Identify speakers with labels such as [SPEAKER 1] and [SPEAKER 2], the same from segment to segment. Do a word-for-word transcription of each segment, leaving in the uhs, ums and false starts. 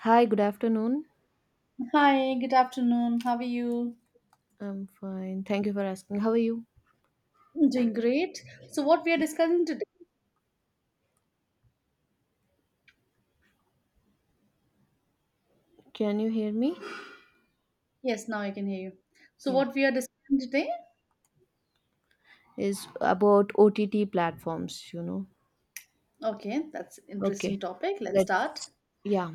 [SPEAKER 1] Hi, good afternoon.
[SPEAKER 2] Hi, good afternoon. How are you?
[SPEAKER 1] I'm fine. Thank you for asking. How are you?
[SPEAKER 2] I'm doing great. So, what we are discussing today?
[SPEAKER 1] Can you hear me?
[SPEAKER 2] Yes, now I can hear you. So,
[SPEAKER 1] Yeah.
[SPEAKER 2] what we are discussing today?
[SPEAKER 1] Is about O T T platforms, you know.
[SPEAKER 2] Okay, that's interesting
[SPEAKER 1] Okay,
[SPEAKER 2] topic. Let's start.
[SPEAKER 1] let's yeah.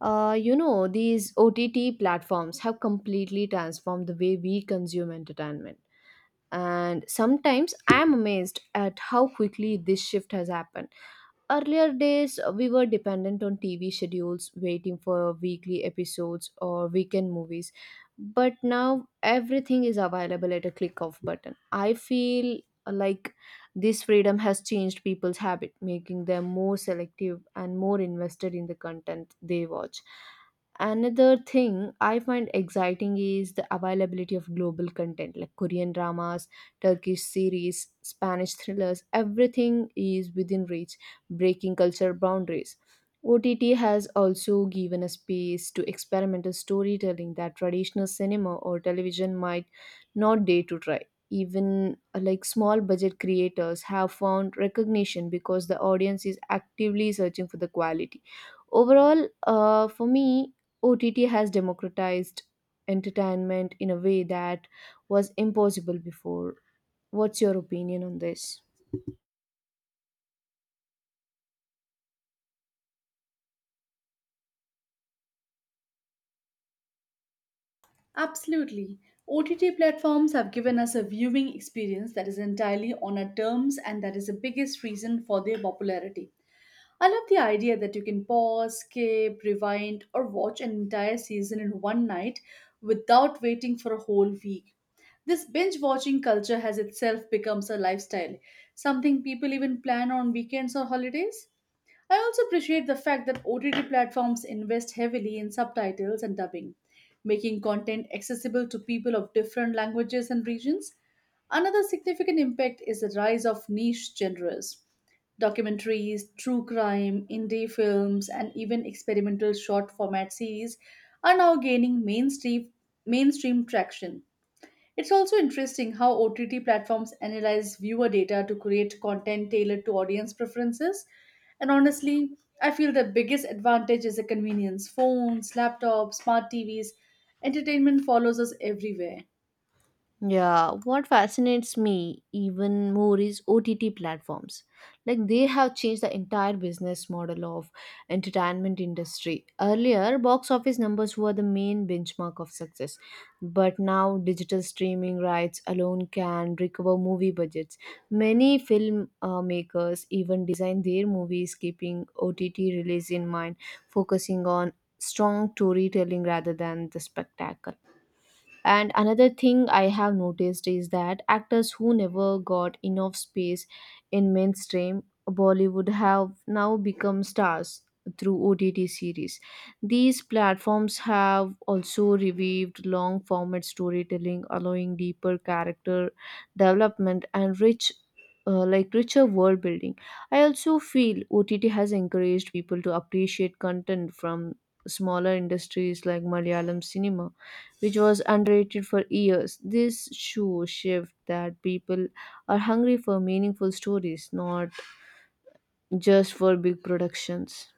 [SPEAKER 1] Uh, you know, these O T T platforms have completely transformed the way we consume entertainment. And sometimes I'm amazed at how quickly this shift has happened. Earlier days, uh, we were dependent on T V schedules, waiting for weekly episodes or weekend movies. But now everything is available at a click of button. I feel uh, like this freedom has changed people's habit, making them more selective and more invested in the content they watch. Another thing I find exciting is the availability of global content like Korean dramas, Turkish series, Spanish thrillers, everything is within reach breaking cultural boundaries. O T T has also given a space to experimental storytelling that traditional cinema or television might not dare to try. Even uh, like small budget creators have found recognition because the audience is actively searching for the quality. Overall, uh, for me, O T T has democratized entertainment in a way that was impossible before. What's your opinion on this?
[SPEAKER 2] Absolutely. O T T platforms have given us a viewing experience that is entirely on our terms, and that is the biggest reason for their popularity. I love the idea that you can pause, skip, rewind, or watch an entire season in one night without waiting for a whole week. This binge watching culture has itself becomes a lifestyle, something people even plan on weekends or holidays. I also appreciate the fact that O T T platforms invest heavily in subtitles and dubbing, making content accessible to people of different languages and regions. Another significant impact is the rise of niche genres. Documentaries, true crime, indie films, and even experimental short format series are now gaining mainstream, mainstream traction. It's also interesting how O T T platforms analyze viewer data to create content tailored to audience preferences. And honestly, I feel the biggest advantage is the convenience. Phones, laptops, smart T Vs, entertainment follows us everywhere.
[SPEAKER 1] Yeah, what fascinates me even more is O T T platforms. Like they have changed the entire business model of entertainment industry. Earlier, box office numbers were the main benchmark of success, but now digital streaming rights alone can recover movie budgets. Many film uh, makers even design their movies keeping O T T release in mind, focusing on strong storytelling rather than the spectacle. And another thing I have noticed is that actors who never got enough space in mainstream Bollywood have now become stars through O T T series. These platforms have also revived long format storytelling, allowing deeper character development and rich. Uh, like richer world building. I also feel O T T has encouraged people to appreciate content from smaller industries like Malayalam cinema which was underrated for years. This show shift that people are hungry for meaningful stories, not just for big productions.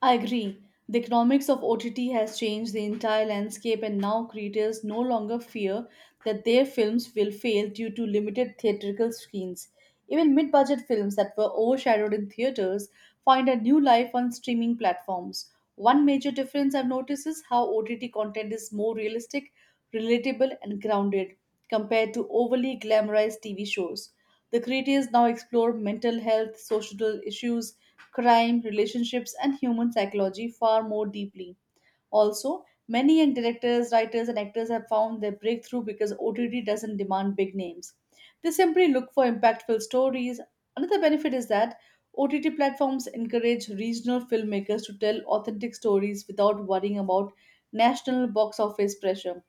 [SPEAKER 2] I agree. The economics of O T T has changed the entire landscape, and now creators no longer fear that their films will fail due to limited theatrical screens. Even mid budget films that were overshadowed in theaters find a new life on streaming platforms. One major difference I've noticed is how O T T content is more realistic, relatable, and grounded compared to overly glamorized T V shows. The creators now explore mental health, social issues, crime, relationships, and human psychology far more deeply. Also, many young directors, writers, and actors have found their breakthrough because O T T doesn't demand big names. They simply look for impactful stories. Another benefit is that O T T platforms encourage regional filmmakers to tell authentic stories without worrying about national box office pressure.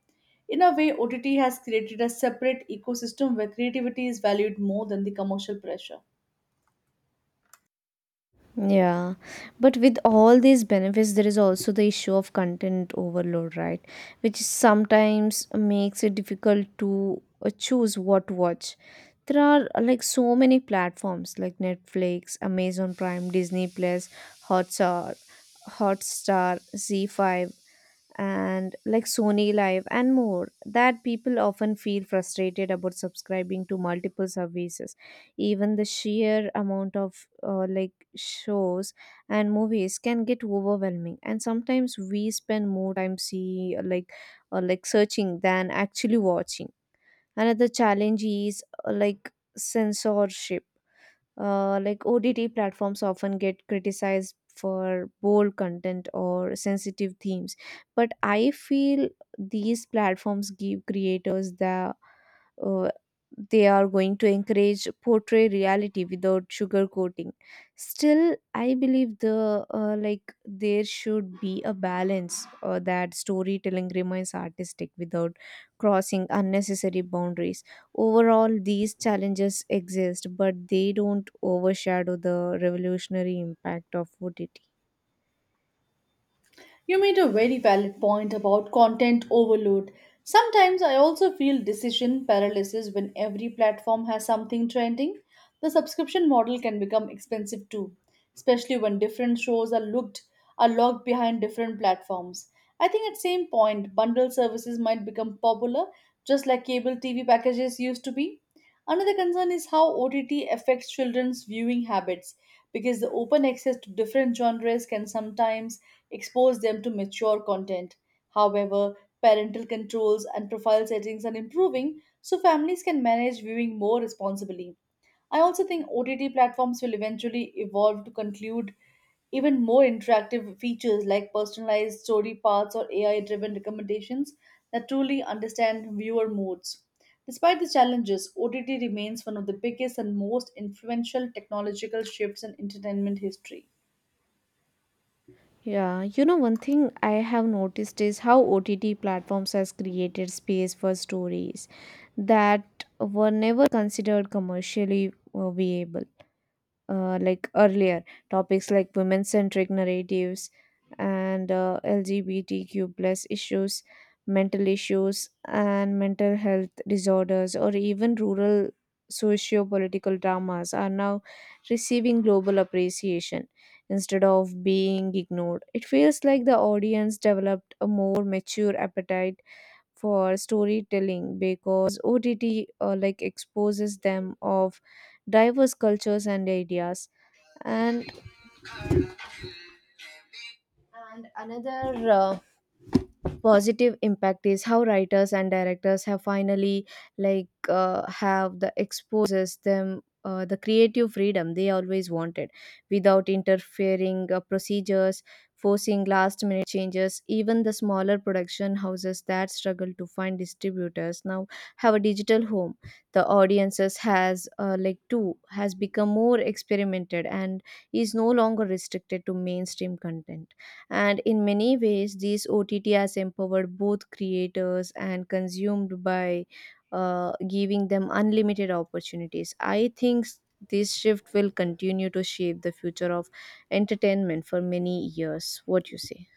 [SPEAKER 2] In a way, O T T has created a separate ecosystem where creativity is valued more than the commercial pressure.
[SPEAKER 1] Yeah, but with all these benefits, there is also the issue of content overload, right? Which sometimes makes it difficult to uh, choose what to watch. There are uh, like so many platforms like Netflix, Amazon Prime, Disney Plus, Hotstar, Hotstar, Z five, and like Sony Live and more that people often feel frustrated about subscribing to multiple services. Even the sheer amount of uh, like shows and movies can get overwhelming, and sometimes we spend more time see like uh, like searching than actually watching. Another challenge is uh, like censorship. uh, like O T T platforms often get criticized for bold content or sensitive themes, but I feel these platforms give creators the uh, they are going to encourage portray reality without sugarcoating. Still, I believe the uh, like there should be a balance, uh, that storytelling remains artistic without crossing unnecessary boundaries. Overall, these challenges exist, but they don't overshadow the revolutionary impact of O T T.
[SPEAKER 2] You made a very valid point about content overload. Sometimes I also feel decision paralysis when every platform has something trending. The subscription model can become expensive too, especially when different shows are looked are locked behind different platforms. I think at same point bundle services might become popular just like cable T V packages used to be. Another concern is how O T T affects children's viewing habits because the open access to different genres can sometimes expose them to mature content. However, parental controls and profile settings are improving so families can manage viewing more responsibly. I also think O T T platforms will eventually evolve to conclude even more interactive features like personalized story paths or A I driven recommendations that truly understand viewer moods. Despite the challenges, O T T remains one of the biggest and most influential technological shifts in entertainment history.
[SPEAKER 1] Yeah, you know, one thing I have noticed is how O T T platforms has created space for stories that were never considered commercially uh, viable. Uh, like earlier, topics like women-centric narratives and uh, L G B T Q plus issues, mental issues and mental health disorders, or even rural socio-political dramas are now receiving global appreciation instead of being ignored. It feels like the audience developed a more mature appetite for storytelling because OTT uh, like exposes them of diverse cultures and ideas. And and another uh, positive impact is how writers and directors have finally like uh, have the exposes them uh, the creative freedom they always wanted without interfering uh, procedures forcing last minute changes. Even the smaller production houses that struggle to find distributors now have a digital home. The audiences has uh, like too has become more experimented and is no longer restricted to mainstream content. And in many ways, these O T T has empowered both creators and consumed by uh, giving them unlimited opportunities. I think s- this shift will continue to shape the future of entertainment for many years. What you say?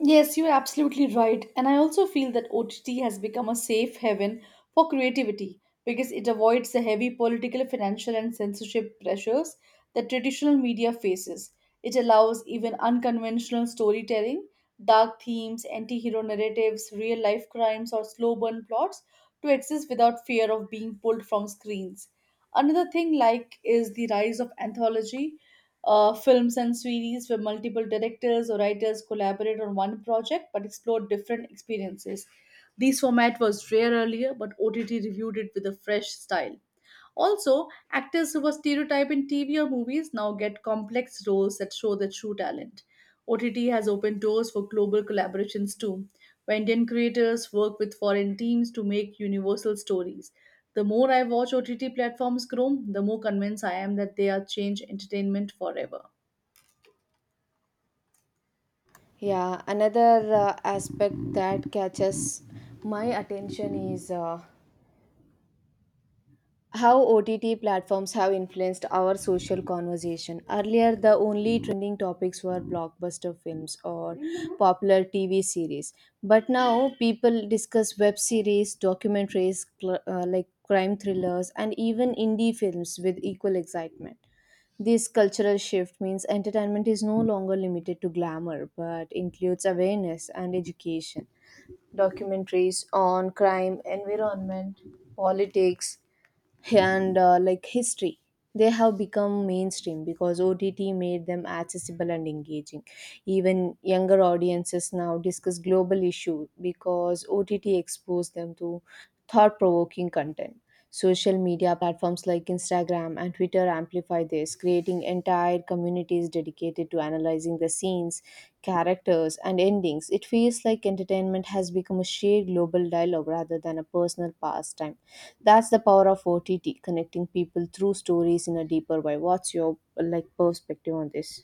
[SPEAKER 2] Yes, you're absolutely right. And I also feel that O T T has become a safe haven for creativity because it avoids the heavy political, financial, and censorship pressures that traditional media faces. It allows even unconventional storytelling, dark themes, anti hero narratives, real life crimes, or slow burn plots to exist without fear of being pulled from screens. Another thing like is the rise of anthology uh, films and series where multiple directors or writers collaborate on one project but explore different experiences. This format was rare earlier, but O T T reviewed it with a fresh style. Also, actors who were stereotyped in T V or movies now get complex roles that show their true talent. O T T has opened doors for global collaborations too, where Indian creators work with foreign teams to make universal stories. The more I watch O T T platforms grow, the more convinced I am that they are change entertainment forever.
[SPEAKER 1] Yeah, another uh, aspect that catches my attention is uh, how O T T platforms have influenced our social conversation. Earlier, the only trending topics were blockbuster films or popular T V series. But now, people discuss web series, documentaries, cl- uh, like crime thrillers, and even indie films with equal excitement. This cultural shift means entertainment is no longer limited to glamour but includes awareness and education. Documentaries on crime, environment, politics, and uh, like history, they have become mainstream because OTT made them accessible and engaging. Even younger audiences now discuss global issues because OTT exposed them to thought-provoking content. Social media platforms like Instagram and Twitter amplify by this, creating entire communities dedicated to analyzing the scenes, characters, and endings. It feels like entertainment has become a shared global dialogue rather than a personal pastime. That's the power of O T T, connecting people through stories in a deeper way. What's your like perspective on this?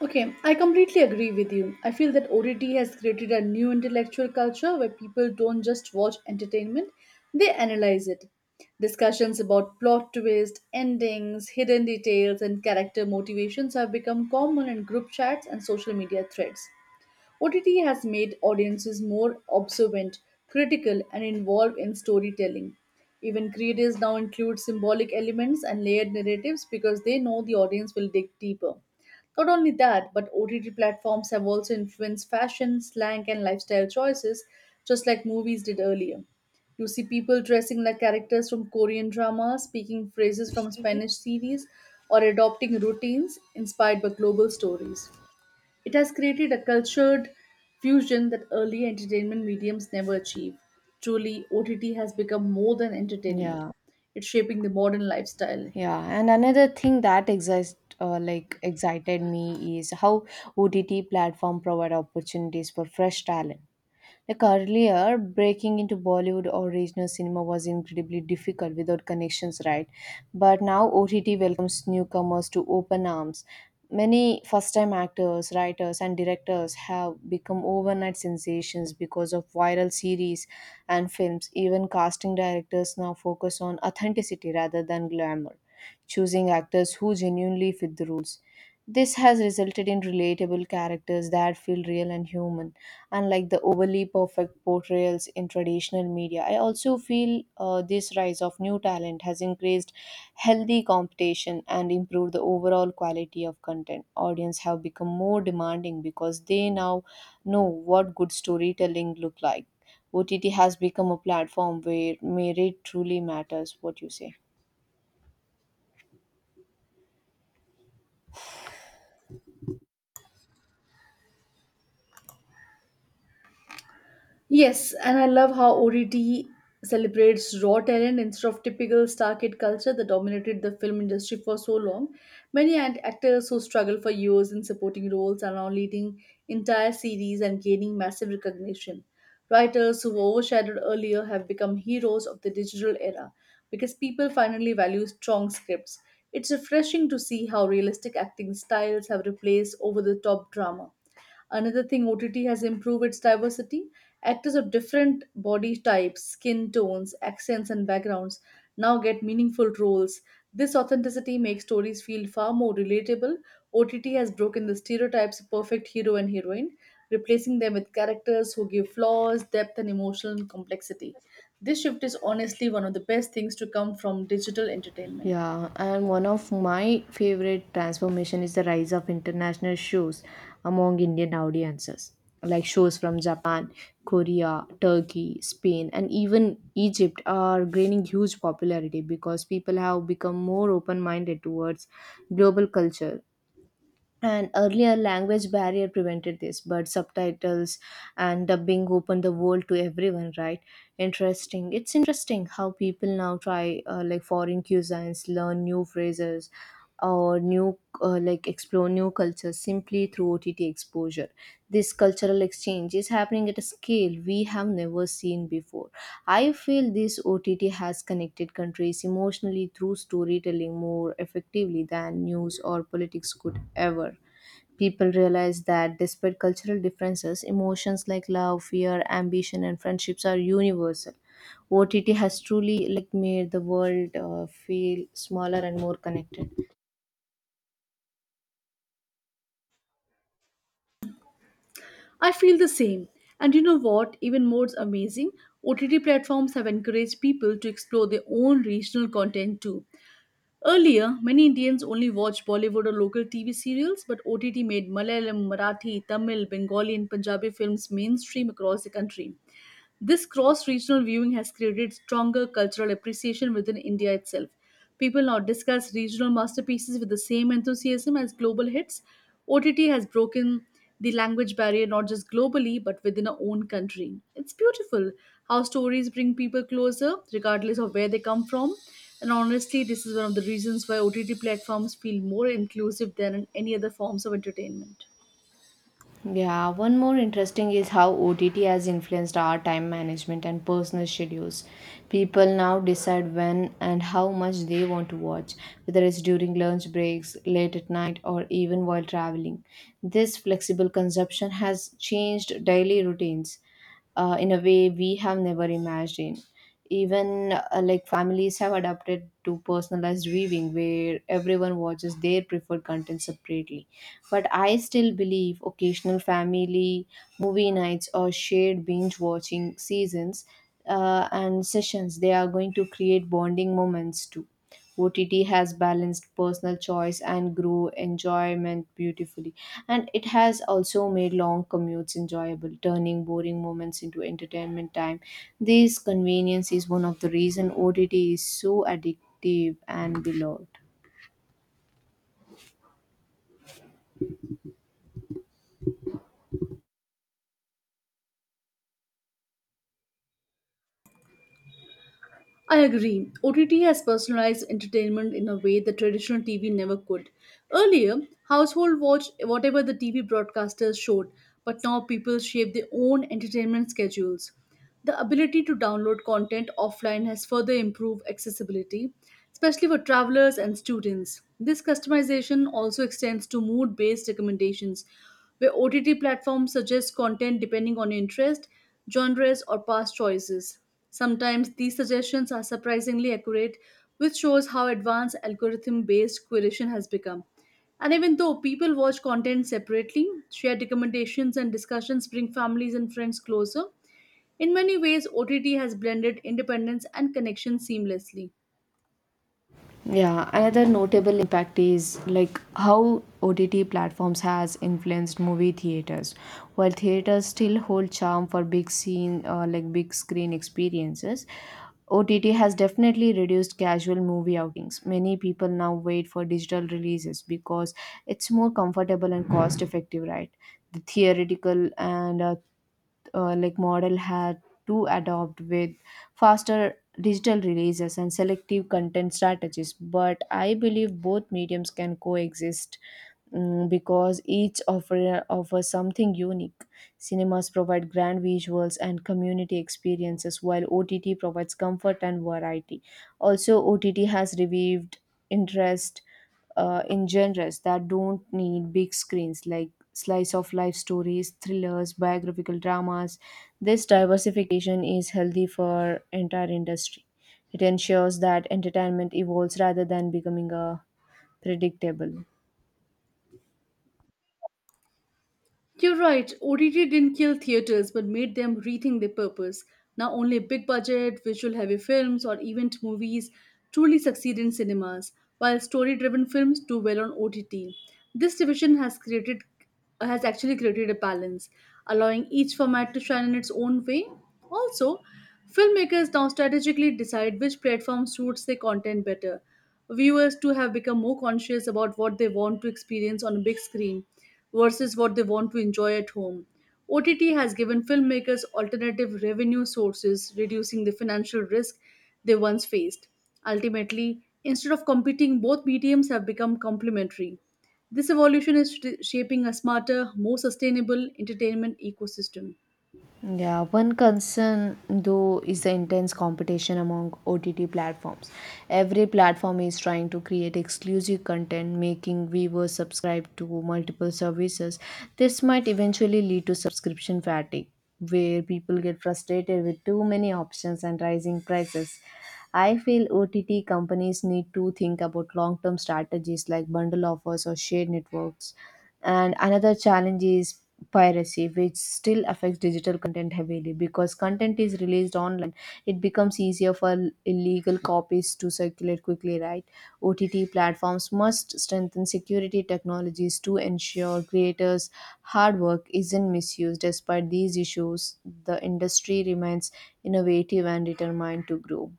[SPEAKER 2] Okay, I completely agree with you. I feel that O T T has created a new intellectual culture where people don't just watch entertainment, they analyze it. Discussions about plot twists, endings, hidden details, and character motivations have become common in group chats and social media threads. O T T has made audiences more observant, critical, and involved in storytelling. Even creators now include symbolic elements and layered narratives because they know the audience will dig deeper. Not only that, but O T T platforms have also influenced fashion, slang, and lifestyle choices, just like movies did earlier. You see people dressing like characters from Korean drama, speaking phrases from Spanish series, or adopting routines inspired by global stories. It has created a cultured fusion that early entertainment mediums never achieve. Truly, O T T has become more than entertainment.
[SPEAKER 1] Yeah,
[SPEAKER 2] It's shaping the modern lifestyle.
[SPEAKER 1] yeah, and another thing that exist uh, like excited me is how O T T platform provide opportunities for fresh talent. Like earlier, breaking into Bollywood or regional cinema was incredibly difficult without connections, right? But now O T T welcomes newcomers to open arms. Many first time actors, writers, and directors have become overnight sensations because of viral series and films. Even casting directors now focus on authenticity rather than glamour, choosing actors who genuinely fit the roles. This has resulted in relatable characters that feel real and human, unlike the overly perfect portrayals in traditional media. I also feel uh, this rise of new talent has increased healthy competition and improved the overall quality of content. Audience have become more demanding because they now know what good storytelling look like. O T T has become a platform where merit truly matters. What you say?
[SPEAKER 2] Yes, and I love how O T T celebrates raw talent instead of typical star kid culture that dominated the film industry for so long. Many act- actors who struggle for years in supporting roles are now leading entire series and gaining massive recognition. Writers who were overshadowed earlier have become heroes of the digital era because people finally value strong scripts. It's refreshing to see how realistic acting styles have replaced over the top drama. Another thing, O T T has improved its diversity. Actors of different body types, skin tones, accents, and backgrounds now get meaningful roles. This authenticity makes stories feel far more relatable. O T T has broken the stereotypes of perfect hero and heroine, replacing them with characters who give flaws, depth, and emotional complexity. This shift is honestly one of the best things to come from digital entertainment.
[SPEAKER 1] Yeah, and one of my favorite transformation is the rise of international shows among Indian audiences, like shows from Japan, Korea, Turkey, Spain, and even Egypt are gaining huge popularity because people have become more open-minded towards global culture. And earlier language barrier prevented this, but subtitles and dubbing opened the world to everyone, right? Interesting. It's interesting how people now try uh, like foreign cuisines, learn new phrases, or new uh, like explore new culture simply through O T T exposure. This cultural exchange is happening at a scale we have never seen before. I feel this O T T has connected countries emotionally through storytelling more effectively than news or politics could ever. People realize that despite cultural differences, emotions like love, fear, ambition, and friendships are universal. O T T has truly like made the world uh, feel smaller and more connected.
[SPEAKER 2] I feel the same. And you know what? Even more amazing, O T T platforms have encouraged people to explore their own regional content too. Earlier, many Indians only watched Bollywood or local T V serials, but O T T made Malayalam, Marathi, Tamil, Bengali, and Punjabi films mainstream across the country. This cross regional viewing has created stronger cultural appreciation within India itself. People now discuss regional masterpieces with the same enthusiasm as global hits. O T T has broken the language barrier not just globally but within our own country. It's beautiful how stories bring people closer regardless of where they come from. And honestly, this is one of the reasons why O T T platforms feel more inclusive than in any other forms of entertainment.
[SPEAKER 1] Yeah, one more interesting is how O T T has influenced our time management and personal schedules. People now decide when and how much they want to watch, whether it's during lunch breaks, late at night, or even while traveling. This flexible consumption has changed daily routines, uh, in a way we have never imagined. Even uh, like families have adapted to personalized viewing where everyone watches their preferred content separately. But I still believe occasional family movie nights or shared binge watching seasons uh, and sessions they are going to create bonding moments too. O T T has balanced personal choice and grew enjoyment beautifully. And it has also made long commutes enjoyable, turning boring moments into entertainment time. This convenience is one of the reason O T T is so addictive and beloved.
[SPEAKER 2] I agree. O T T has personalized entertainment in a way that traditional T V never could. Earlier, household watched whatever the T V broadcasters showed, but now people shape their own entertainment schedules. The ability to download content offline has further improved accessibility, especially for travelers and students. This customization also extends to mood based recommendations, where O T T platforms suggest content depending on your interest, genres, or past choices. Sometimes these suggestions are surprisingly accurate, which shows how advanced algorithm based curation has become. And even though people watch content separately, shared recommendations and discussions bring families and friends closer. In many ways, O T T has blended independence and connection seamlessly.
[SPEAKER 1] Yeah, another notable impact is like how O T T platforms has influenced movie theaters. While theaters still hold charm for big scene uh, like big screen experiences, O T T has definitely reduced casual movie outings. Many people now wait for digital releases because it's more comfortable and cost effective, right? The theoretical and uh, uh, like model had to adopt with faster digital releases and selective content strategies, but I believe both mediums can coexist, mm, because each offer offers something unique. Cinemas provide grand visuals and community experiences while OTT provides comfort and variety. Also, OTT has revived interest uh, in genres that don't need big screens, like slice of life stories, thrillers, biographical dramas. This diversification is healthy for entire industry. It ensures that entertainment evolves rather than becoming a predictable.
[SPEAKER 2] You're right, O T T didn't kill theaters but made them rethink their purpose. Now, only big budget, visual heavy films, or event movies truly succeed in cinemas, while story driven films do well on O T T. This division has created has actually created a balance, allowing each format to shine in its own way. Also, filmmakers now strategically decide which platform suits their content better. Viewers too have become more conscious about what they want to experience on a big screen versus what they want to enjoy at home. O T T has given filmmakers alternative revenue sources, reducing the financial risk they once faced. Ultimately, instead of competing, both mediums have become complementary. This evolution is sh- shaping a smarter, more sustainable entertainment ecosystem.
[SPEAKER 1] Yeah, one concern though is the intense competition among O T T platforms. Every platform is trying to create exclusive content, making viewers subscribe to multiple services. This might eventually lead to subscription fatigue, where people get frustrated with too many options and rising prices. I feel O T T companies need to think about long term strategies like bundle offers or shared networks. And another challenge is piracy, which still affects digital content heavily because content is released online. It becomes easier for illegal copies to circulate quickly, right? O T T platforms must strengthen security technologies to ensure creators' hard work isn't misused. Despite these issues, the industry remains innovative and determined to grow.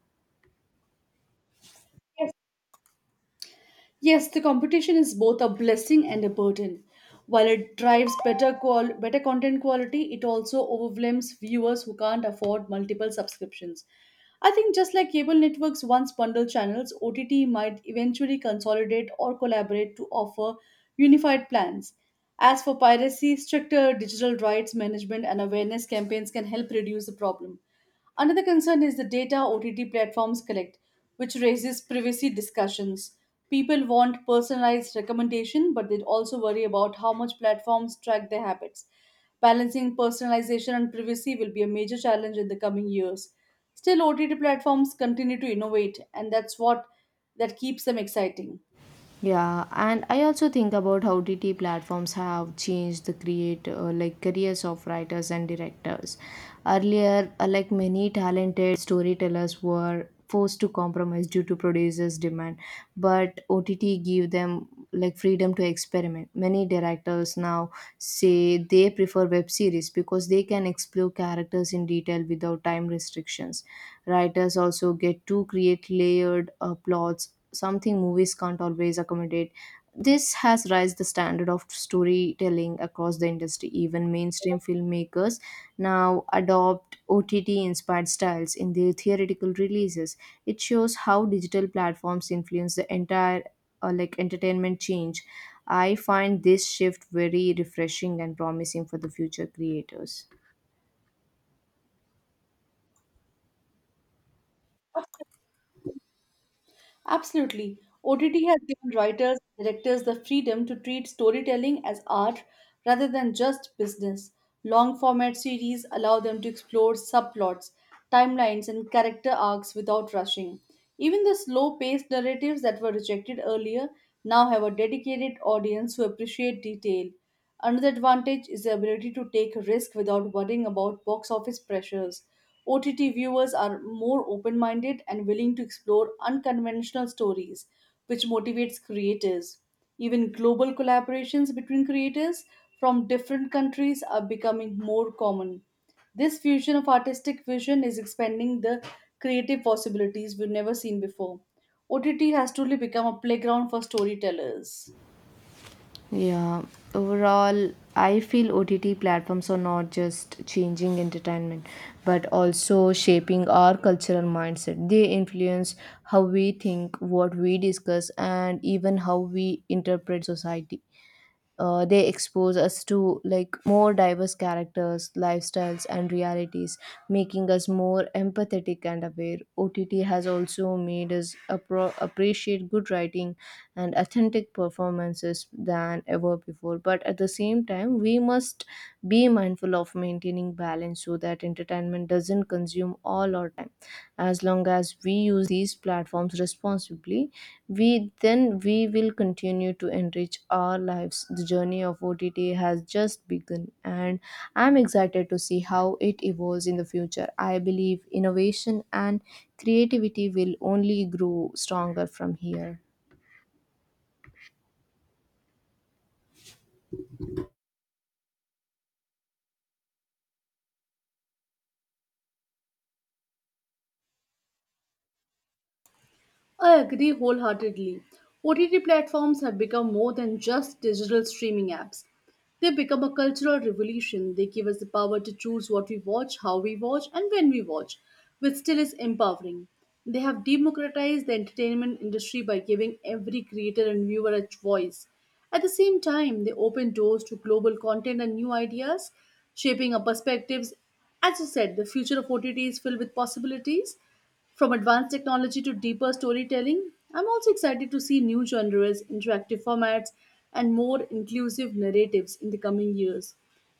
[SPEAKER 2] Yes, the competition is both a blessing and a burden. While it drives better qual- better content quality, it also overwhelms viewers who can't afford multiple subscriptions. I think just like cable networks once bundled channels, O T T might eventually consolidate or collaborate to offer unified plans. As for piracy, stricter digital rights management and awareness campaigns can help reduce the problem. Another concern is the data O T T platforms collect, which raises privacy discussions. People want personalized recommendation, but they also worry about how much platforms track their habits. Balancing personalization and privacy will be a major challenge in the coming years. Still, O T T platforms continue to innovate, and that's what that keeps them exciting.
[SPEAKER 1] Yeah, and I also think about how O T T platforms have changed the create uh, like careers of writers and directors. Earlier, uh, like many talented storytellers were forced to compromise due to producers' demand, but O T T give them like freedom to experiment. Many directors now say they prefer web series because they can explore characters in detail without time restrictions. Writers also get to create layered uh, plots, something movies can't always accommodate. This has raised the standard of storytelling across the industry. Even mainstream filmmakers now adopt O T T inspired styles in their theoretical releases. It shows how digital platforms influence the entire uh, like entertainment change. I find this shift very refreshing and promising for the future creators.
[SPEAKER 2] Absolutely. O T T has given writers and directors the freedom to treat storytelling as art rather than just business. Long format series allow them to explore subplots, timelines, and character arcs without rushing. Even the slow paced narratives that were rejected earlier now have a dedicated audience who appreciate detail. Another advantage is the ability to take risk without worrying about box office pressures. O T T viewers are more open minded and willing to explore unconventional stories, which motivates creators. Even global collaborations between creators from different countries are becoming more common. This fusion of artistic vision is expanding the creative possibilities we've never seen before. O T T has truly become a playground for storytellers.
[SPEAKER 1] Yeah, overall, I feel O T T platforms are not just changing entertainment, but also shaping our cultural mindset. They influence how we think, what we discuss, and even how we interpret society. Uh, they expose us to like more diverse characters, lifestyles, and realities, making us more empathetic and aware. OTT has also made us appro- appreciate good writing and authentic performances than ever before, but at the same time we must be mindful of maintaining balance so that entertainment doesn't consume all our time. As long as we use these platforms responsibly, we then we will continue to enrich our lives. The journey of OTT has just begun, and I'm excited to see how it evolves in the future. I believe innovation and creativity will only grow stronger from here.
[SPEAKER 2] I agree wholeheartedly. O T T platforms have become more than just digital streaming apps. They become a cultural revolution. They give us the power to choose what we watch, how we watch, and when we watch, which still is empowering. They have democratized the entertainment industry by giving every creator and viewer a voice. At the same time, they open doors to global content and new ideas, shaping our perspectives. As you said, the future of O T T is filled with possibilities. From advanced technology to deeper storytelling, I'm also excited to see new genres, interactive formats, and more inclusive narratives in the coming years.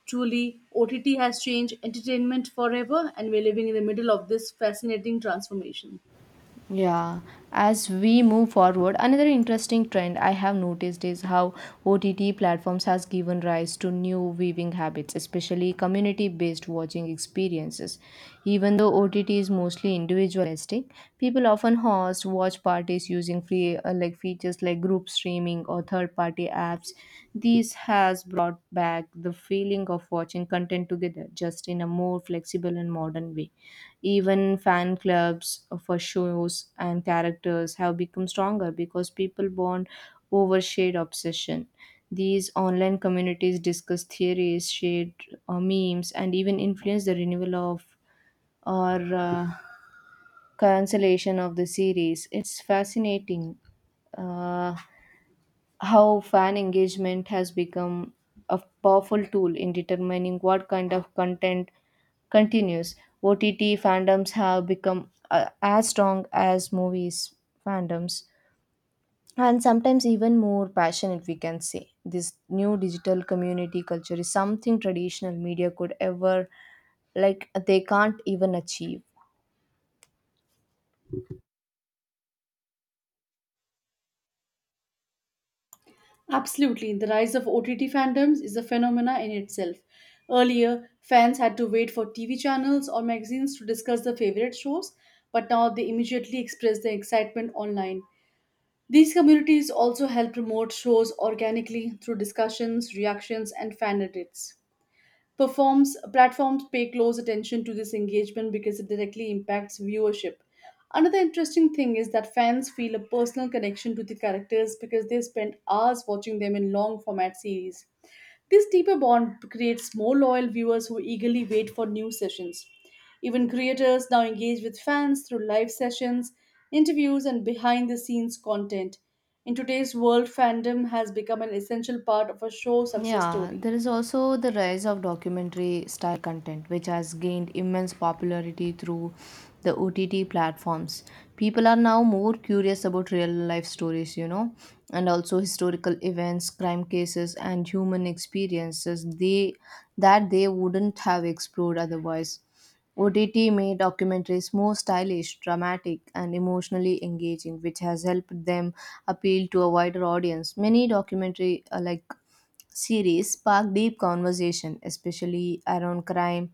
[SPEAKER 2] Truly, O T T has changed entertainment forever, and we're living in the middle of this fascinating transformation.
[SPEAKER 1] Yeah, as we move forward, another interesting trend I have noticed is how O T T platforms has given rise to new viewing habits, especially community-based watching experiences. Even though O T T is mostly individualistic, people often host watch parties using free uh, like features like group streaming or third-party apps. This has brought back the feeling of watching content together, just in a more flexible and modern way. Even fan clubs for shows and characters have become stronger because people bond over shared obsession. These online communities discuss theories, share uh, memes, and even influence the renewal of or uh, cancellation of the series. It's fascinating. Uh, how fan engagement has become a powerful tool in determining what kind of content continues. O T T fandoms have become uh, as strong as movies fandoms, and sometimes even more passionate. We can say this new digital community culture is something traditional media could ever, like, they can't even achieve.
[SPEAKER 2] Absolutely. The rise of O T T fandoms is a phenomena in itself. Earlier, fans had to wait for T V channels or magazines to discuss their favorite shows, but now they immediately express their excitement online. These communities also help promote shows organically through discussions, reactions, and fan edits. Performs platforms pay close attention to this engagement because it directly impacts viewership. Another interesting thing is that fans feel a personal connection to the characters because they spend hours watching them in long format series. This deeper bond creates more loyal viewers who eagerly wait for new sessions. Even creators now engage with fans through live sessions, interviews, and behind the scenes content. In today's world, fandom has become an essential part of a show's success
[SPEAKER 1] Yeah,
[SPEAKER 2] story.
[SPEAKER 1] there is also the rise of documentary style content, which has gained immense popularity through the O T T platforms. People are now more curious about real life stories, you know, and also historical events, crime cases, and human experiences they that they wouldn't have explored otherwise. O T T made documentaries more stylish, dramatic, and emotionally engaging, which has helped them appeal to a wider audience. Many documentary uh, like series sparked deep conversation, especially around crime,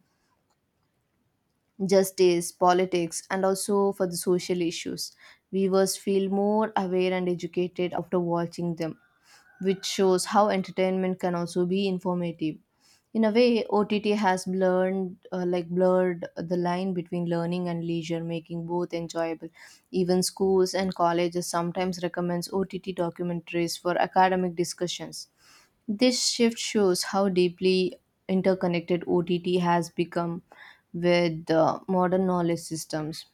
[SPEAKER 1] justice, politics, and also for the social issues. Viewers feel more aware and educated after watching them, which shows how entertainment can also be informative. In a way, O T T has blurred, uh, like blurred the line between learning and leisure, making both enjoyable. Even schools and colleges sometimes recommends O T T documentaries for academic discussions. This shift shows how deeply interconnected O T T has become with uh, modern knowledge systems.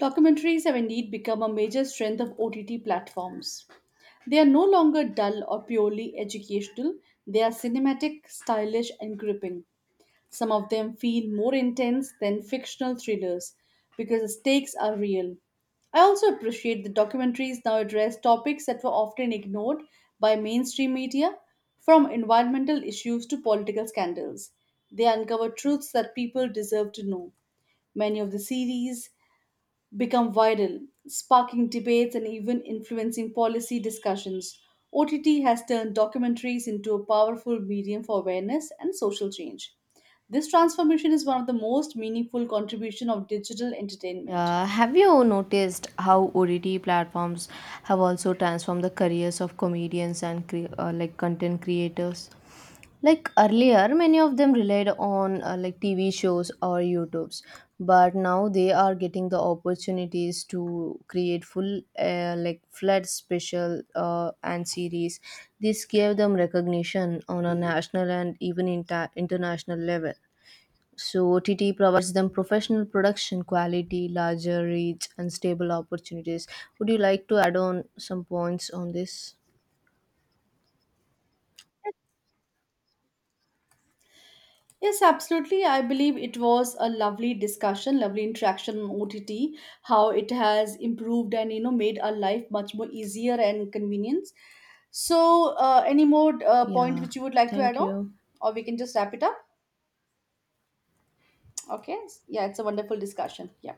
[SPEAKER 2] Documentaries have indeed become a major strength of O T T platforms. They are no longer dull or purely educational, they are cinematic, stylish, and gripping. Some of them feel more intense than fictional thrillers because the stakes are real. I also appreciate that documentaries now address topics that were often ignored by mainstream media, from environmental issues to political scandals. They uncover truths that people deserve to know. Many of the series become viral, sparking debates and even influencing policy discussions. O T T has turned documentaries into a powerful medium for awareness and social change. This transformation is one of the most meaningful contribution of digital entertainment.
[SPEAKER 1] Yeah, have you noticed how O T T platforms have also transformed the careers of comedians and cre- uh, like content creators? Like earlier, many of them relied on uh, like T V shows or YouTubes, but now they are getting the opportunities to create full uh, like flood special uh, and series. This gave them recognition on a national and even inter- international level. So O T T provides them professional production quality, larger reach, and stable opportunities. Would you like to add on some points on this?
[SPEAKER 2] Yes, absolutely. I believe it was a lovely discussion, lovely interaction on O T T, how it has improved and you know made our life much more easier and convenience. So, uh, any more uh, point
[SPEAKER 1] Yeah.
[SPEAKER 2] which you would like to add
[SPEAKER 1] Thank
[SPEAKER 2] on,
[SPEAKER 1] you.
[SPEAKER 2] or we can just wrap it up? Okay. Yeah, it's a wonderful discussion. Yeah.